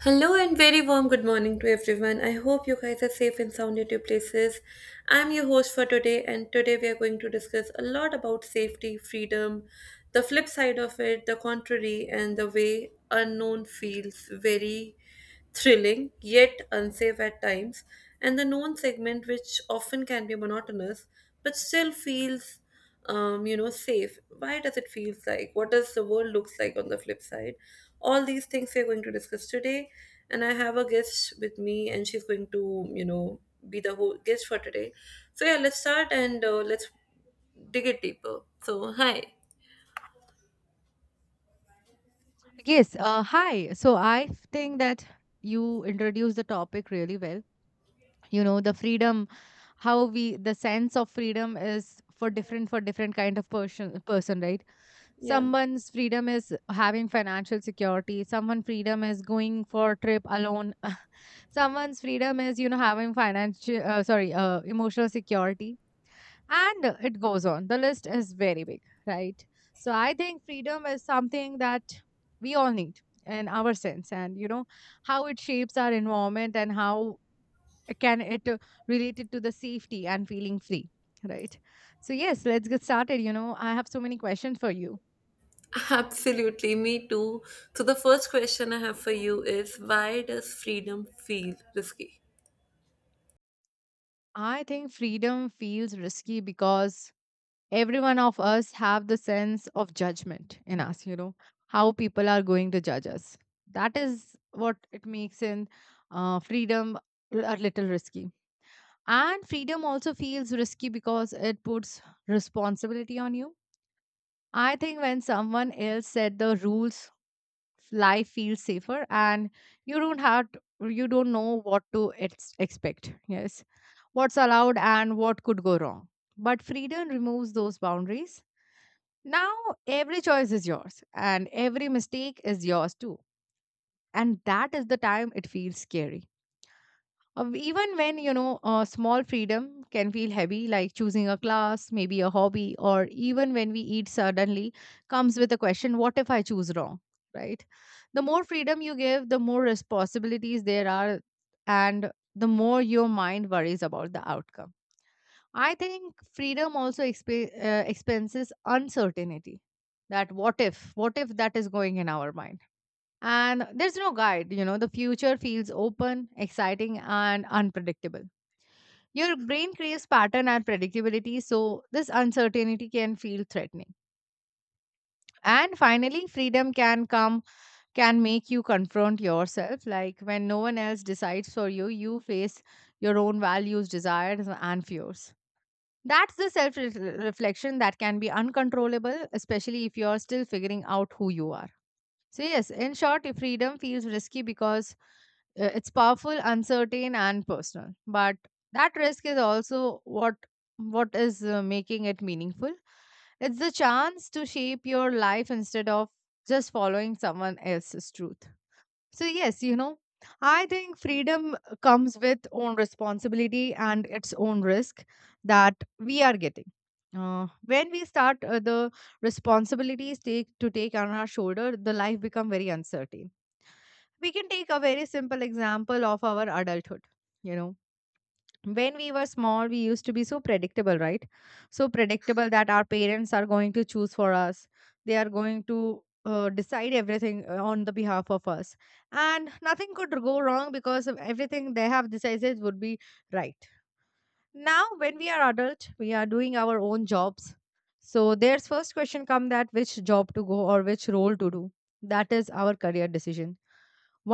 Hello and very warm good morning to everyone. I hope you guys are safe and sound at your places. I'm your host for today, and today we are going to discuss a lot about safety, freedom, the flip side of it, the contrary, and the way unknown feels very thrilling yet unsafe at times, and the known segment, which often can be monotonous but still feels safe. Why does it feel like? What does the world looks like on the flip side? All these things we're going to discuss today, and I have a guest with me, and she's going to, be the whole guest for today. So yeah, let's start and let's dig it deeper. So hi. Yes. Hi. So I think that you introduced the topic really well. You know, the freedom, how we the sense of freedom is for different kind of person, right? Yeah. Someone's freedom is having financial security. Someone freedom is going for a trip alone. Someone's freedom is having financial sorry emotional security, and it goes on. The list is very big, right? So I think freedom is something that we all need in our sense, and you know how it shapes our environment and how it related to the safety and feeling free, right? So yes, let's get started. You know, I have so many questions for you. Absolutely, me too. So the first question I have for you is why does freedom feel risky? I think freedom feels risky because every one of us have the sense of judgment in us, you know, how people are going to judge us. That is what it makes in freedom a little risky, and freedom also feels risky because it puts responsibility on you. I think when someone else set the rules, life feels safer, and you don't have to, you don't know what to expect, yes, what's allowed and what could go wrong. But freedom removes those boundaries. Now, every choice is yours, and every mistake is yours too. And that is the time it feels scary. Even when, you know, a small freedom can feel heavy, like choosing a class, maybe a hobby, or even when we eat suddenly, comes with a question, what if I choose wrong? Right? The more freedom you give, the more responsibilities there are, and the more your mind worries about the outcome. I think freedom also expenses uncertainty. That what if that is going in our mind? And there's no guide. You know, the future feels open, exciting, and unpredictable. Your brain craves pattern and predictability, so this uncertainty can feel threatening. And finally, freedom can come, can make you confront yourself. Like when no one else decides for you, you face your own values, desires, and fears. That's the self reflection that can be uncontrollable, especially if you're still figuring out who you are. So, yes, in short, if freedom feels risky because it's powerful, uncertain, and personal. But that risk is also what is making it meaningful. It's the chance to shape your life instead of just following someone else's truth. So, yes, you know, I think freedom comes with own responsibility and its own risk that we are getting. When we start the responsibilities take to take on our shoulder, the life become very uncertain. We can take a very simple example of our adulthood. You know, when we were small, we used to be so predictable, right? So predictable that our parents are going to choose for us. They are going to decide everything on the behalf of us, and nothing could go wrong because of everything they have decided would be right. Now when we are adult, we are doing our own jobs, so there's first question come, that which job to go or which role to do. That is our career decision.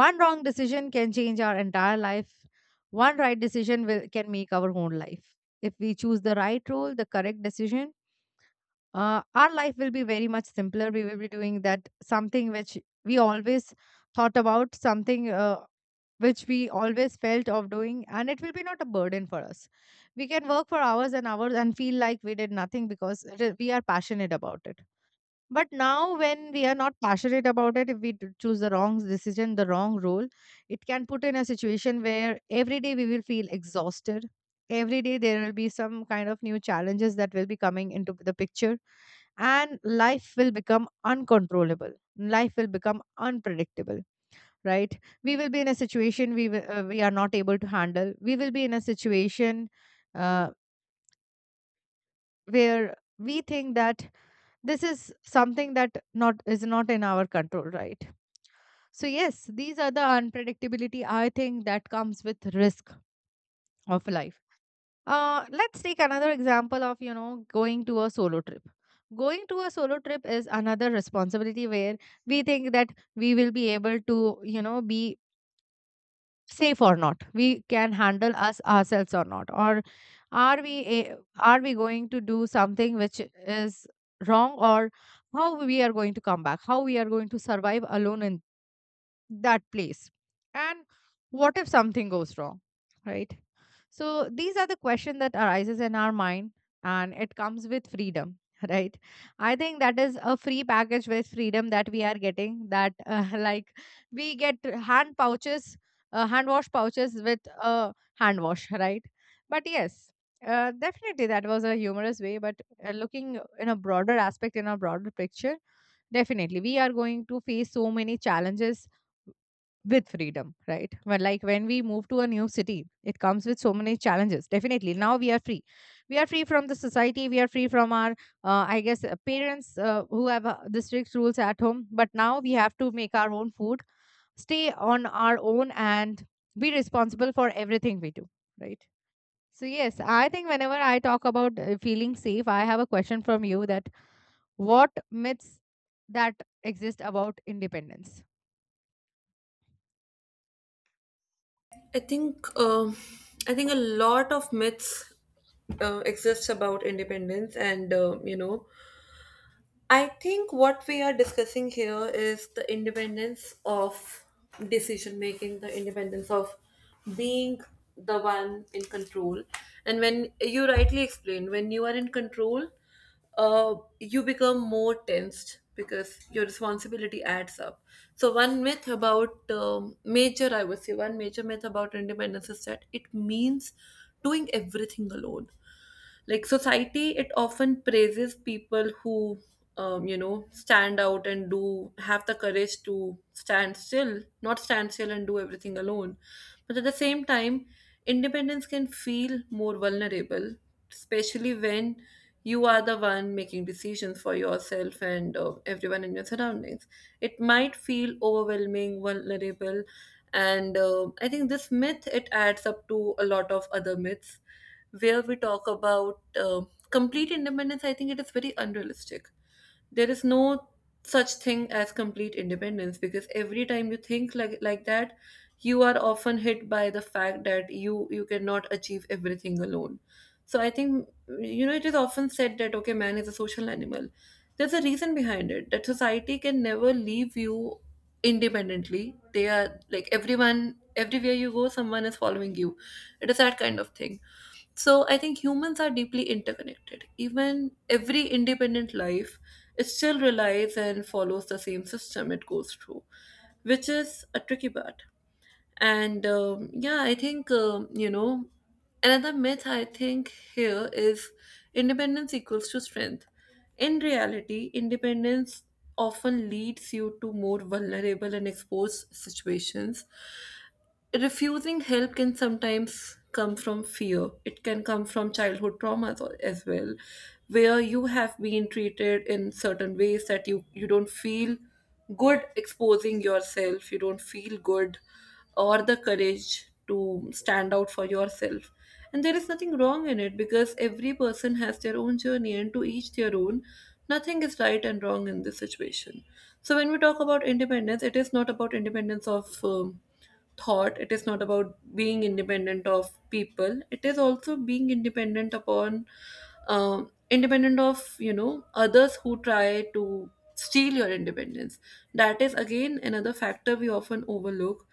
One wrong decision can change our entire life. One right decision will, can make our own life. If we choose the right role, the correct decision, our life will be very much simpler. We will be doing that something which we always thought about, something which we always felt of doing, and it will be not a burden for us. We can work for hours and hours and feel like we did nothing because it is- we are passionate about it. But now, when we are not passionate about it, if we choose the wrong decision, the wrong role, it can put in a situation where every day we will feel exhausted. Every day there will be some kind of new challenges that will be coming into the picture, and life will become uncontrollable. Life will become unpredictable, right? We will be in a situation we will, we are not able to handle. We will be in a situation uh, where we think that this is something that not is not in our control, right? So yes, these are the unpredictability I think that comes with risk of life. Uh, let's take another example of, you know, going to a solo trip. Going to a solo trip is another responsibility where we think that we will be able to, you know, be safe or not, we can handle us ourselves or not, or are we are we going to do something which is wrong, or how we are going to come back, how we are going to survive alone in that place, and what if something goes wrong, right? So these are the question that arises in our mind, and it comes with freedom right? I think that is a free package with freedom that we are getting, that like we get hand pouches, hand wash pouches with a hand wash right? But yes, definitely that was a humorous way, but looking in a broader aspect, in a broader picture, definitely we are going to face so many challenges with freedom, right? But like when we move to a new city, it comes with so many challenges. Definitely, now we are free. We are free from the society. We are free from our, I guess, parents who have the strict rules at home. But now we have to make our own food, stay on our own, and be responsible for everything we do, right? So yes, I think whenever I talk about feeling safe, I have a question from you, that what myths that exist about independence? I think uh, I think a lot of myths exists about independence, and I think what we are discussing here is the independence of decision making, the independence of being the one in control. And when you rightly explained, when you are in control, you become more tensed because your responsibility adds up. So, one myth about I would say, one major myth about independence is that it means doing everything alone, like society, it often praises people who stand out and do have the courage to stand still not stand still and do everything alone, but at the same time independence can feel more vulnerable, especially when you are the one making decisions for yourself and everyone in your surroundings. It might feel overwhelming, vulnerable, and I think this myth, it adds up to a lot of other myths where we talk about complete independence. I think it is very unrealistic. There is no such thing as complete independence, because every time you think like that, you are often hit by the fact that you cannot achieve everything alone. So I think, you know, it is often said that okay, man is a social animal. There's a reason behind it, that society can never leave you independently. They are like, everyone everywhere you go, someone is following you. It is that kind of thing. So I think humans are deeply interconnected. Even every independent life, it still relies and follows the same system it goes through, which is a tricky part. And yeah, I think, another myth I think here is independence equals to strength. In reality, independence often leads you to more vulnerable and exposed situations. Refusing help can sometimes come from fear. It can come from childhood traumas as well, where you have been treated in certain ways that you don't feel good exposing yourself, you don't feel good or the courage to stand out for yourself. And there is nothing wrong in it, because every person has their own journey and to each their own. Nothing is right and wrong in this situation. So, when we talk about independence, it is not about independence of thought, it is not about being independent of people, it is also being independent upon independent of, you know, others who try to steal your independence. That is again another factor we often overlook,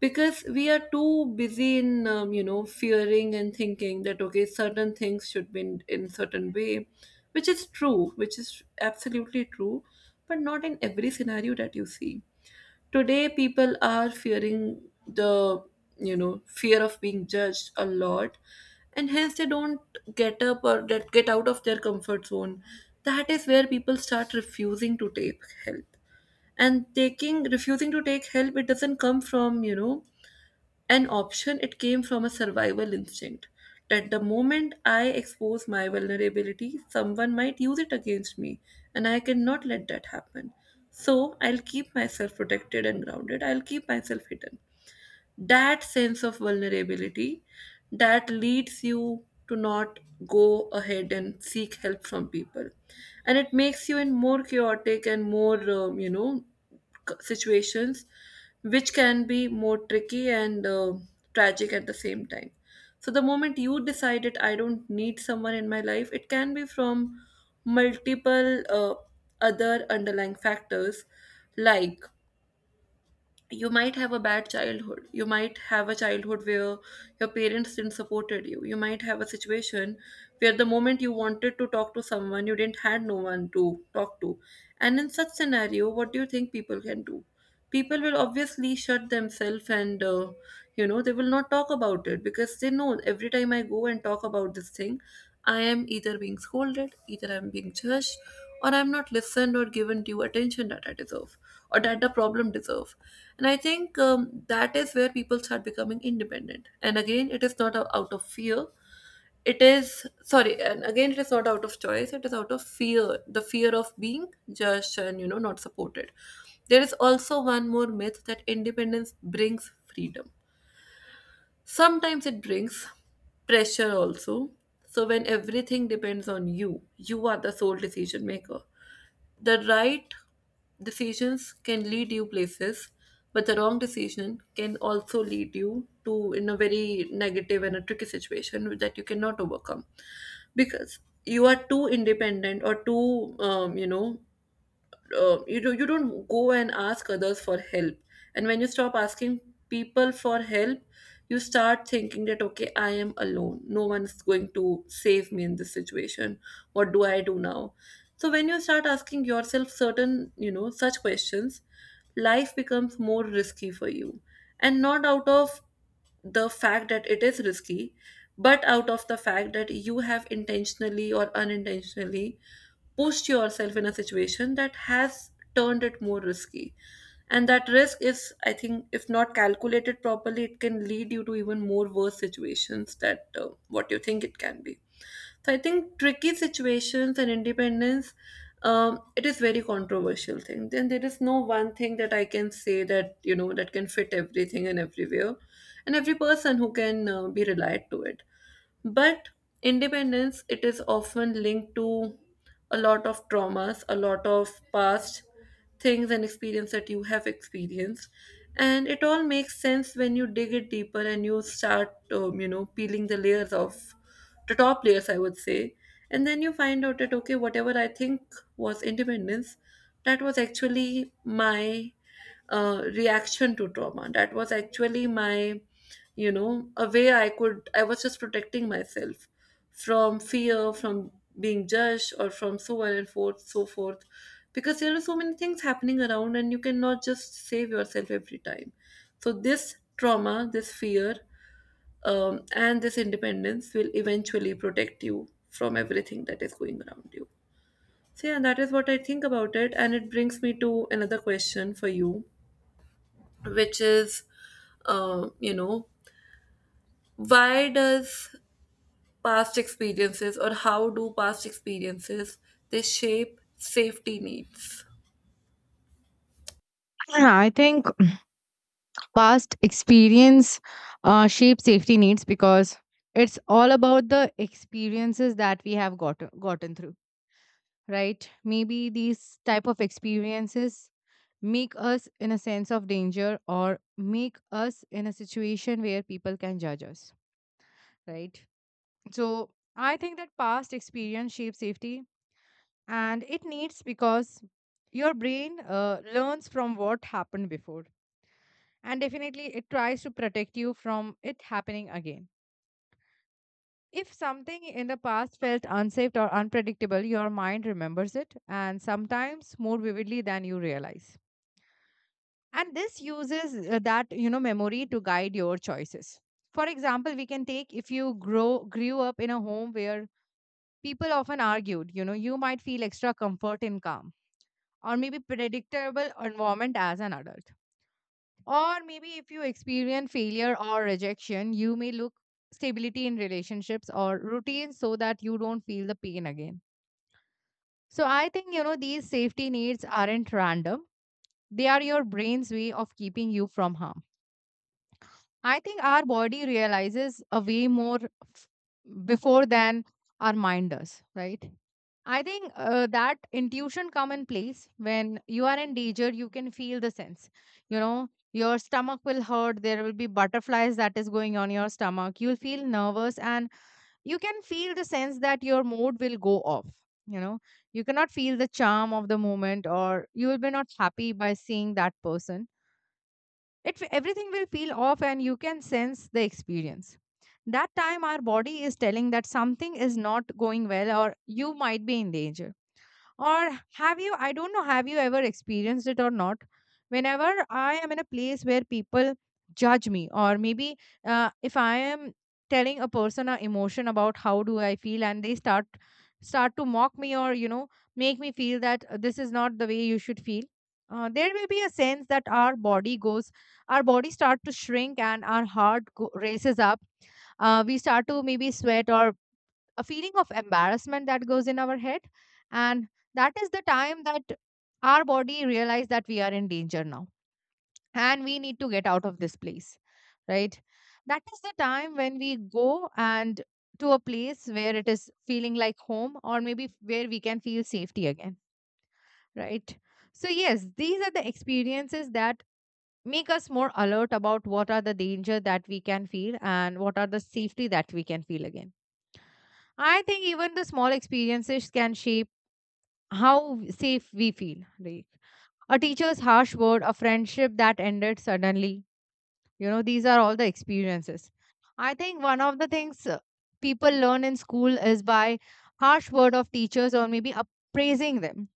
because we are too busy in, fearing and thinking that okay, certain things should be in certain way, which is true, which is absolutely true, but not in every scenario that you see. Today, people are fearing the, you know, fear of being judged a lot, and hence they don't get up or get out of their comfort zone. That is where people start refusing to take help. And taking refusing to take help, it doesn't come from, you know, an option, it came from a survival instinct, that the moment I expose my vulnerability, someone might use it against me, and I cannot let that happen. So I'll keep myself protected and grounded, I'll keep myself hidden. That sense of vulnerability that leads you to not go ahead and seek help from people, and it makes you in more chaotic and more, situations, which can be more tricky and tragic at the same time. So, the moment you decided I don't need someone in my life, it can be from multiple other underlying factors, like you might have a bad childhood, you might have a childhood where your parents didn't supported you, you might have a situation where the moment you wanted to talk to someone, you didn't had no one to talk to. And in such scenario, what do you think people can do? People will obviously shut themselves and, they will not talk about it, because they know every time I go and talk about this thing, I am either being scolded, either I'm being judged, or I'm not listened or given due attention that I deserve, or that the problem deserve. And I think, that is where people start becoming independent. And again, it is not out of fear. It is, sorry, and again, it is not out of choice. It is out of fear, the fear of being judged and, you know, not supported. There is also one more myth that independence brings freedom. Sometimes it brings pressure also. So when everything depends on you, you are the sole decision maker. The right decisions can lead you places, but the wrong decision can also lead you to in a very negative and a tricky situation that you cannot overcome, because you are too independent or too, you don't go and ask others for help. And when you stop asking people for help, you start thinking that okay, I am alone, no one's going to save me in this situation, what do I do now? So when you start asking yourself certain, you know, such questions, life becomes more risky for you, and not out of the fact that it is risky, but out of the fact that you have intentionally or unintentionally pushed yourself in a situation that has turned it more risky. And that risk is, I think, if not calculated properly, it can lead you to even more worse situations that what you think it can be. So I think tricky situations and independence, it is very controversial thing, then there is no one thing that I can say that, you know, that can fit everything and everywhere and every person who can be relied to it. But independence, it is often linked to a lot of traumas, a lot of past things and experience that you have experienced, and it all makes sense when you dig it deeper and you start, peeling the layers of the top layers, I would say, and then you find out that okay, whatever I think was independence, that was actually my reaction to trauma, that was actually my, you know, a way I was just protecting myself from fear, from being judged, or from so on and forth so forth, because there are so many things happening around and you cannot just save yourself every time. So this trauma, this fear, and this independence will eventually protect you from everything that is going around you. So yeah, that is what I think about it, and it brings me to another question for you, which is, um, you know why does past experiences or how do past experiences, they shape safety needs? Yeah, I think past experience shape safety needs because it's all about the experiences that we have gotten through, right? Maybe these type of experiences make us in a sense of danger, or make us in a situation where people can judge us, right? So I think that past experience shapes safety, and it needs because your brain learns from what happened before, and definitely it tries to protect you from it happening again. If something in the past felt unsafe or unpredictable, your mind remembers it, and sometimes more vividly than you realize. And this uses that, you know, memory to guide your choices. For example, we can take, if you grow grew up in a home where people often argued, you know, you might feel extra comfort in calm or maybe predictable environment as an adult. Or maybe if you experience failure or rejection, you may look stability in relationships or routines so that you don't feel the pain again. So I think, you know, these safety needs aren't random. They are your brain's way of keeping you from harm. I think our body realizes a way more before than our mind does, right? I think that intuition come in place when you are in danger, you can feel the sense. You know, your stomach will hurt. There will be butterflies that is going on your stomach. You'll feel nervous, and you can feel the sense that your mood will go off. You know, you cannot feel the charm of the moment, or you will be not happy by seeing that person. It everything will feel off, and you can sense the experience. That time our body is telling that something is not going well or you might be in danger. Or have you, I don't know, have you ever experienced it or not? Whenever I am in a place where people judge me, or maybe if I am telling a person an emotion about how do I feel, and they start to mock me, or you know, make me feel that this is not the way you should feel, there will be a sense that our body goes, our body start to shrink, and our heart races up. Uh, we start to maybe sweat, or a feeling of embarrassment that goes in our head. And that is the time that our body realize that we are in danger now, and we need to get out of this place, right? That is the time when we go and to a place where it is feeling like home, or maybe where we can feel safety again, right? So yes, these are the experiences that make us more alert about what are the danger that we can feel and what are the safety that we can feel again. I think even the small experiences can shape how safe we feel. Like a teacher's harsh word, a friendship that ended suddenly. You know, these are all the experiences. I think one of the things people learn in school is by harsh word of teachers or maybe appraising them.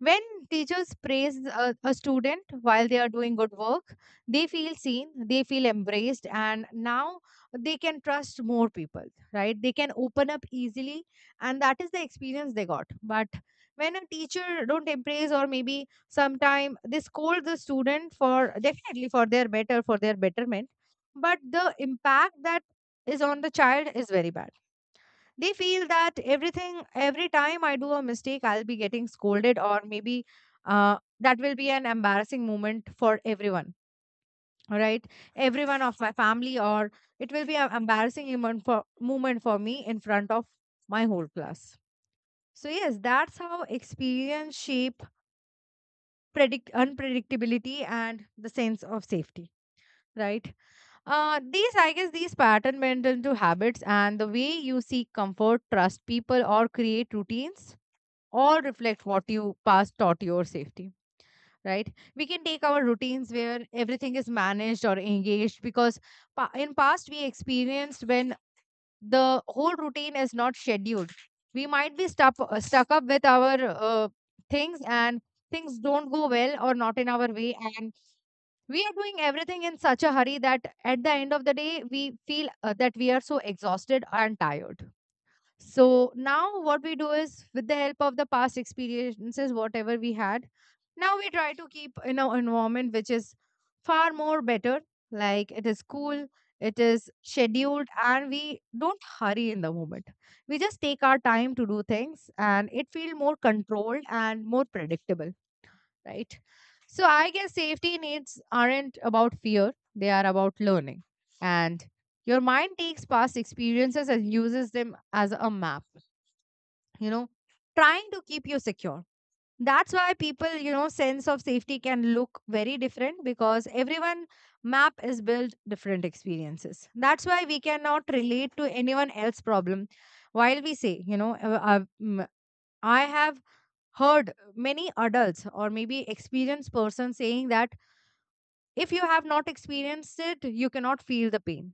When teachers praise a student while they are doing good work, they feel seen, they feel embraced, and now they can trust more people, right? They can open up easily, and that is the experience they got. But when a teacher don't embrace or maybe sometime they scold the student for definitely for their better for their betterment, but the impact that is on the child is very bad. They feel that everything, every time I do a mistake, I'll be getting scolded, or maybe that will be an embarrassing moment for everyone. All right, everyone of my family, or it will be an embarrassing moment for me in front of my whole class. So yes, that's how experience shape, predict unpredictability and the sense of safety, right? These, I guess, these pattern went into habits, and the way you seek comfort, trust people, or create routines all reflect what you past taught your safety, right? We can take our routines where everything is managed or engaged, because in past we experienced when the whole routine is not scheduled, we might be stuck, stuck up with our things, and things don't go well or not in our way, and we are doing everything in such a hurry that at the end of the day we feel that we are so exhausted and tired. So now what we do is, with the help of the past experiences, whatever we had, now we try to keep in our environment which is far more better. Like, it is cool, it is scheduled, and we don't hurry in the moment. We just take our time to do things and it feels more controlled and more predictable, right? So I guess safety needs aren't about fear, they are about learning. And your mind takes past experiences and uses them as a map, you know, trying to keep you secure. That's why people, you know, sense of safety can look very different, because everyone map is built different experiences. That's why we cannot relate to anyone else's problem. While we say, you know, I have heard many adults or maybe experienced person saying that if you have not experienced it, you cannot feel the pain.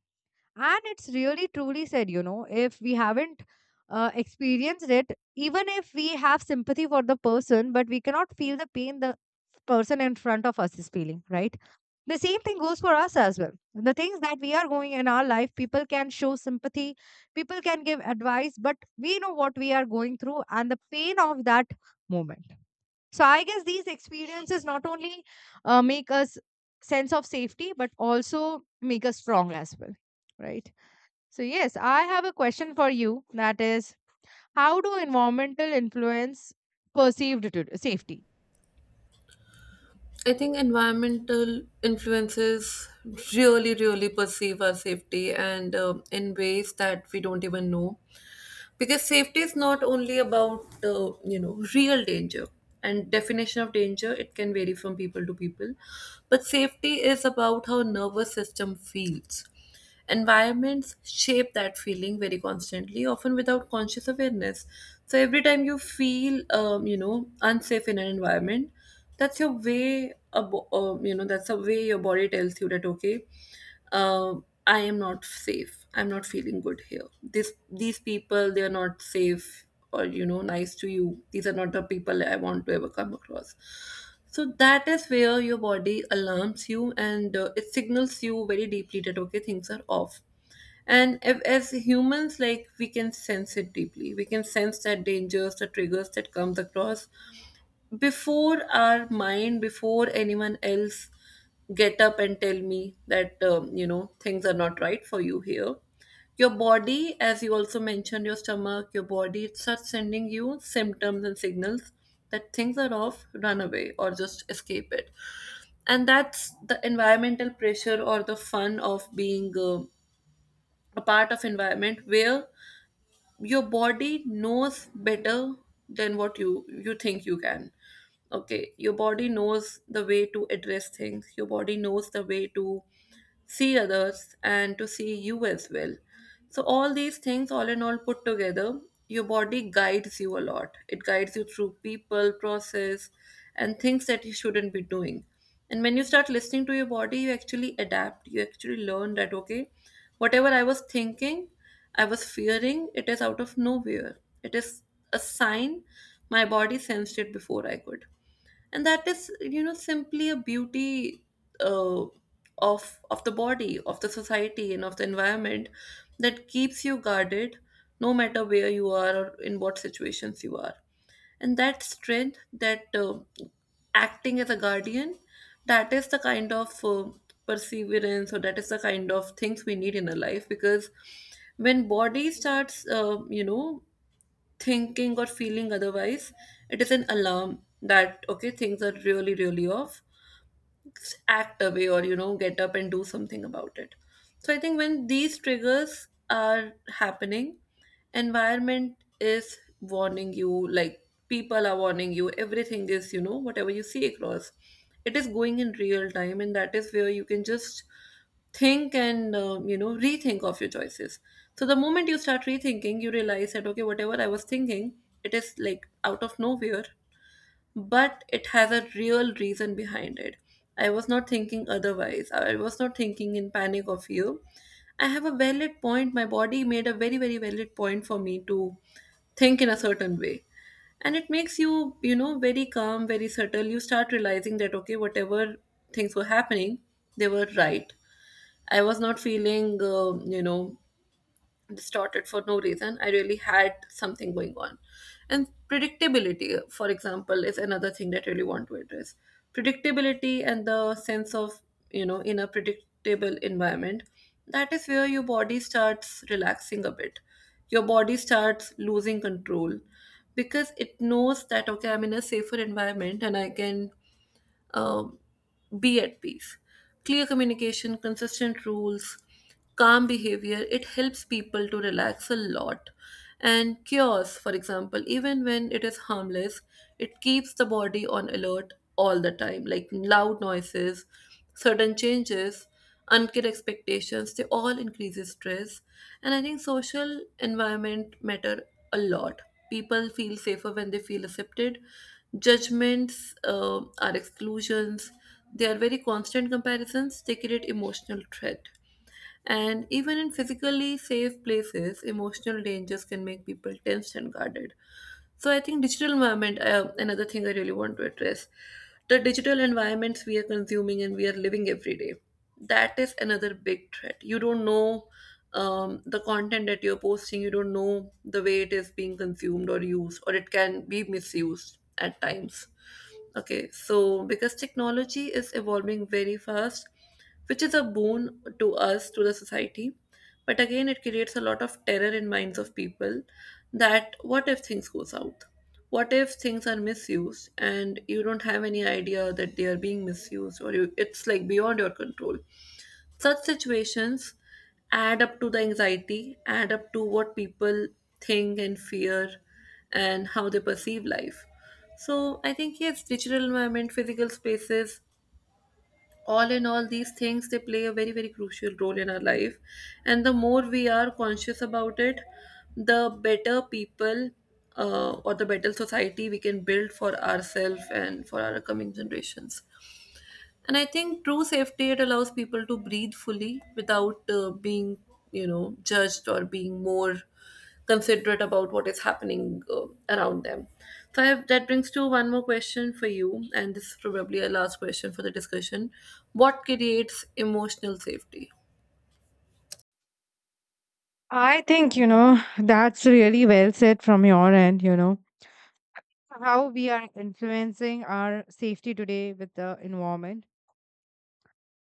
And it's really truly said, you know, if we haven't experienced it, even if we have sympathy for the person, but we cannot feel the pain the person in front of us is feeling, right? The same thing goes for us as well. The things that we are going in our life, people can show sympathy, people can give advice, but we know what we are going through and the pain of that moment. So I guess these experiences not only make us sense of safety but also make us strong as well, right? So, yes, I have a question for you, that is, how do environmental influence perceived to safety? I think environmental influences really perceive our safety, and in ways that we don't even know, because safety is not only about, real danger, and definition of danger, it can vary from people to people, but safety is about how nervous system feels. Environments shape that feeling very constantly, often without conscious awareness. So every time you feel, unsafe in an environment, that's your way, that's a way your body tells you that okay, uh, I am not safe. I'm not feeling good here. This These people, they are not safe or, you know, nice to you. These are not the people I want to ever come across. So that is where your body alarms you, and it signals you very deeply that okay, things are off. And if, as humans, like, we can sense it deeply. We can sense that dangers, the triggers that comes across, before our mind, before anyone else get up and tell me that things are not right for you here. Your body, as you also mentioned, your stomach, your body, it starts sending you symptoms and signals that things are off. Run away or just escape it. And that's the environmental pressure or the fun of being a part of environment where your body knows better than what you think you can. Okay, your body knows the way to address things. Your body knows the way to see others and to see you as well. So all these things, all in all, put together, your body guides you a lot. It guides you through people, process, and things that you shouldn't be doing. And when you start listening to your body, you actually adapt, you actually learn that okay, whatever I was thinking, I was fearing, it is out of nowhere. It is a sign. My body sensed it before I could. And that is, you know, simply a beauty uh, of the body, of the society, and of the environment that keeps you guarded no matter where you are or in what situations you are. And that strength, that acting as a guardian, that is the kind of perseverance, or that is the kind of things we need in a life. Because when body starts thinking or feeling otherwise, it is an alarm that, okay, things are really, really off. Act away or, you know, get up and do something about it. So I think when these triggers are happening, environment is warning you, like people are warning you, everything is, you know, whatever you see across. It is going in real time, and that is where you can just think and rethink of your choices. So the moment you start rethinking, you realize that okay, whatever I was thinking, it is like out of nowhere, but it has a real reason behind it. I was not thinking otherwise, I was not thinking in panic of you. I have a valid point. My body made a very, very valid point for me to think in a certain way. And it makes you, you know, very calm, very subtle. You start realizing that okay, whatever things were happening, they were right. I was not feeling, distorted for no reason. I really had something going on. And predictability, for example, is another thing that I really want to address. Predictability and the sense of, you know, in a predictable environment, that is where your body starts relaxing a bit. Your body starts losing control because it knows that, okay, I'm in a safer environment and I can um, be at peace. Clear communication, consistent rules, calm behavior, it helps people to relax a lot. And chaos, for example, even when it is harmless, it keeps the body on alert all the time. Like loud noises, sudden changes, unclear expectations, they all increases stress. And I think social environment matter a lot. People feel safer when they feel accepted. Judgments are exclusions. They are very constant comparisons. They create emotional threat. And even in physically safe places, emotional dangers can make people tense and guarded. So I think digital environment, another thing I really want to address, the digital environments we are consuming and we are living every day. That is another big threat. You don't know the content that you're posting. You don't know the way it is being consumed or used, or it can be misused at times. Okay, so because technology is evolving very fast, which is a boon to us, to the society. But again, it creates a lot of terror in minds of people that what if things go south? What if things are misused and you don't have any idea that they are being misused, or you, it's like beyond your control? Such situations add up to the anxiety, add up to what people think and fear and how they perceive life. So I think yes, digital environment, physical spaces, all in all, these things they play a very, very crucial role in our life. And the more we are conscious about it, the better people or the better society we can build for ourselves and for our coming generations. And I think true safety, it allows people to breathe fully without being, you know, judged or being more considerate about what is happening around them. So I have, that brings to one more question for you, and this is probably a last question for the discussion. What creates emotional safety? I think, you know, that's really well said from your end, you know, how we are influencing our safety today with the environment.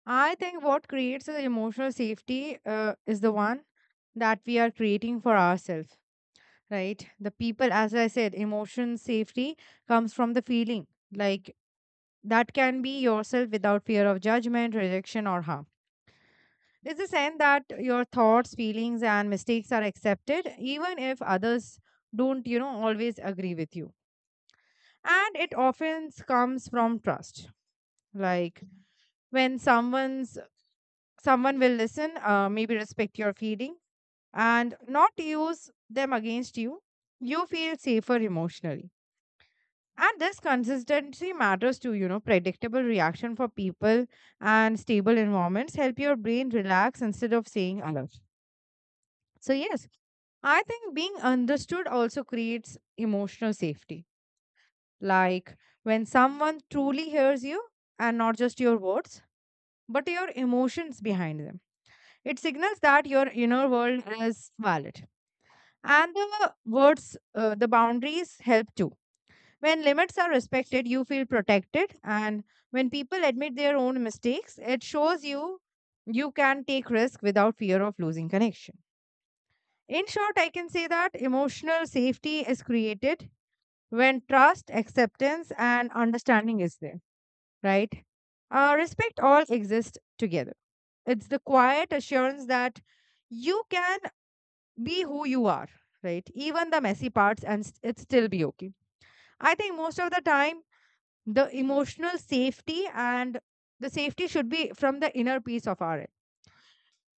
I think what creates the emotional safety is the one that we are creating for ourselves, right? The people, as I said, emotion safety comes from the feeling, like, that can be yourself without fear of judgment, rejection, or harm. There's a sense that your thoughts, feelings, and mistakes are accepted, even if others don't, you know, always agree with you. And it often comes from trust, like when someone will listen, maybe respect your feeling and not use them against you, you feel safer emotionally. And this consistency matters to, you know, predictable reaction for people and stable environments help your brain relax instead of saying alert. So yes, I think being understood also creates emotional safety. Like, when someone truly hears you, and not just your words, but your emotions behind them, it signals that your inner world is valid. And the words, the boundaries help too. When limits are respected, you feel protected. And when people admit their own mistakes, it shows you you can take risk without fear of losing connection. In short, I can say that emotional safety is created when trust, acceptance, and understanding is there, right? Respect all exist together. It's the quiet assurance that you can be who you are, right, even the messy parts and it still be okay. I think most of the time the emotional safety and the safety should be from the inner peace of our end.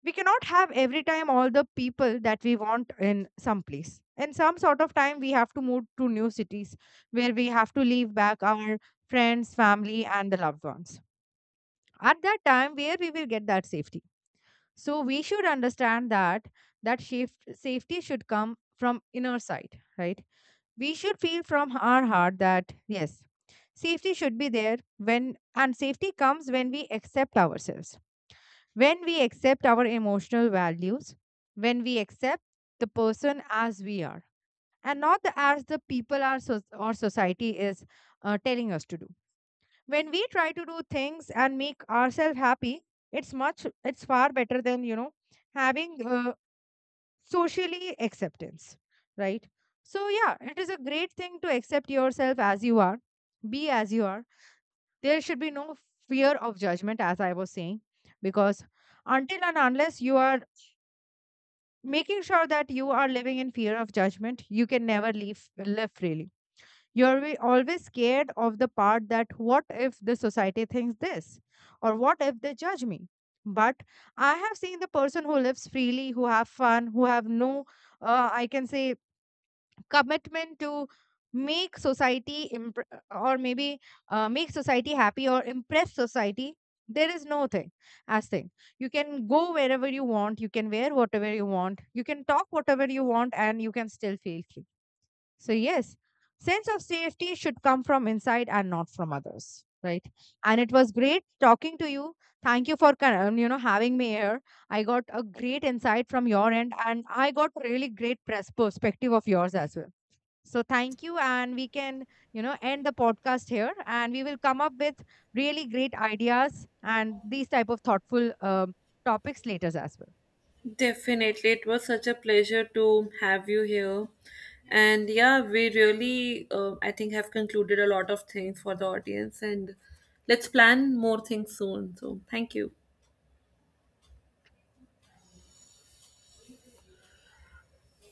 We cannot have every time all the people that we want in some place; in some sort of time we have to move to new cities, where we have to leave back our friends, family, and the loved ones. At that time, where we will get that safety? So we should understand that, that safety should come from inner side, right? We should feel from our heart that yes, safety should be there when, and safety comes when we accept ourselves, when we accept our emotional values, when we accept the person as we are, and not the, as the people our, so, or society is telling us to do. When we try to do things and make ourselves happy, it's much, it's far better than, you know, having socially acceptance, right? So yeah, it is a great thing to accept yourself as you are, be as you are. There should be no fear of judgment, as I was saying, because until and unless you are making sure that you are living in fear of judgment, you can never leave live freely. You're always scared of the part that what if the society thinks this, or what if they judge me? But I have seen the person who lives freely, who have fun, who have no I can say commitment to make society impr- or maybe make society happy or impress society. There is no thing as thing. You can go wherever you want, you can wear whatever you want, you can talk whatever you want, and you can still feel free. So yes, sense of safety should come from inside and not from others, right? And it was great talking to you. Thank you for you know, having me here. I got a great insight from your end and I got really great perspective of yours as well. So thank you, and we can, you know, end the podcast here, and we will come up with really great ideas and these type of thoughtful topics later as well. Definitely. It was such a pleasure to have you here. And yeah, we really, I think, have concluded a lot of things for the audience. And let's plan more things soon. So, thank you.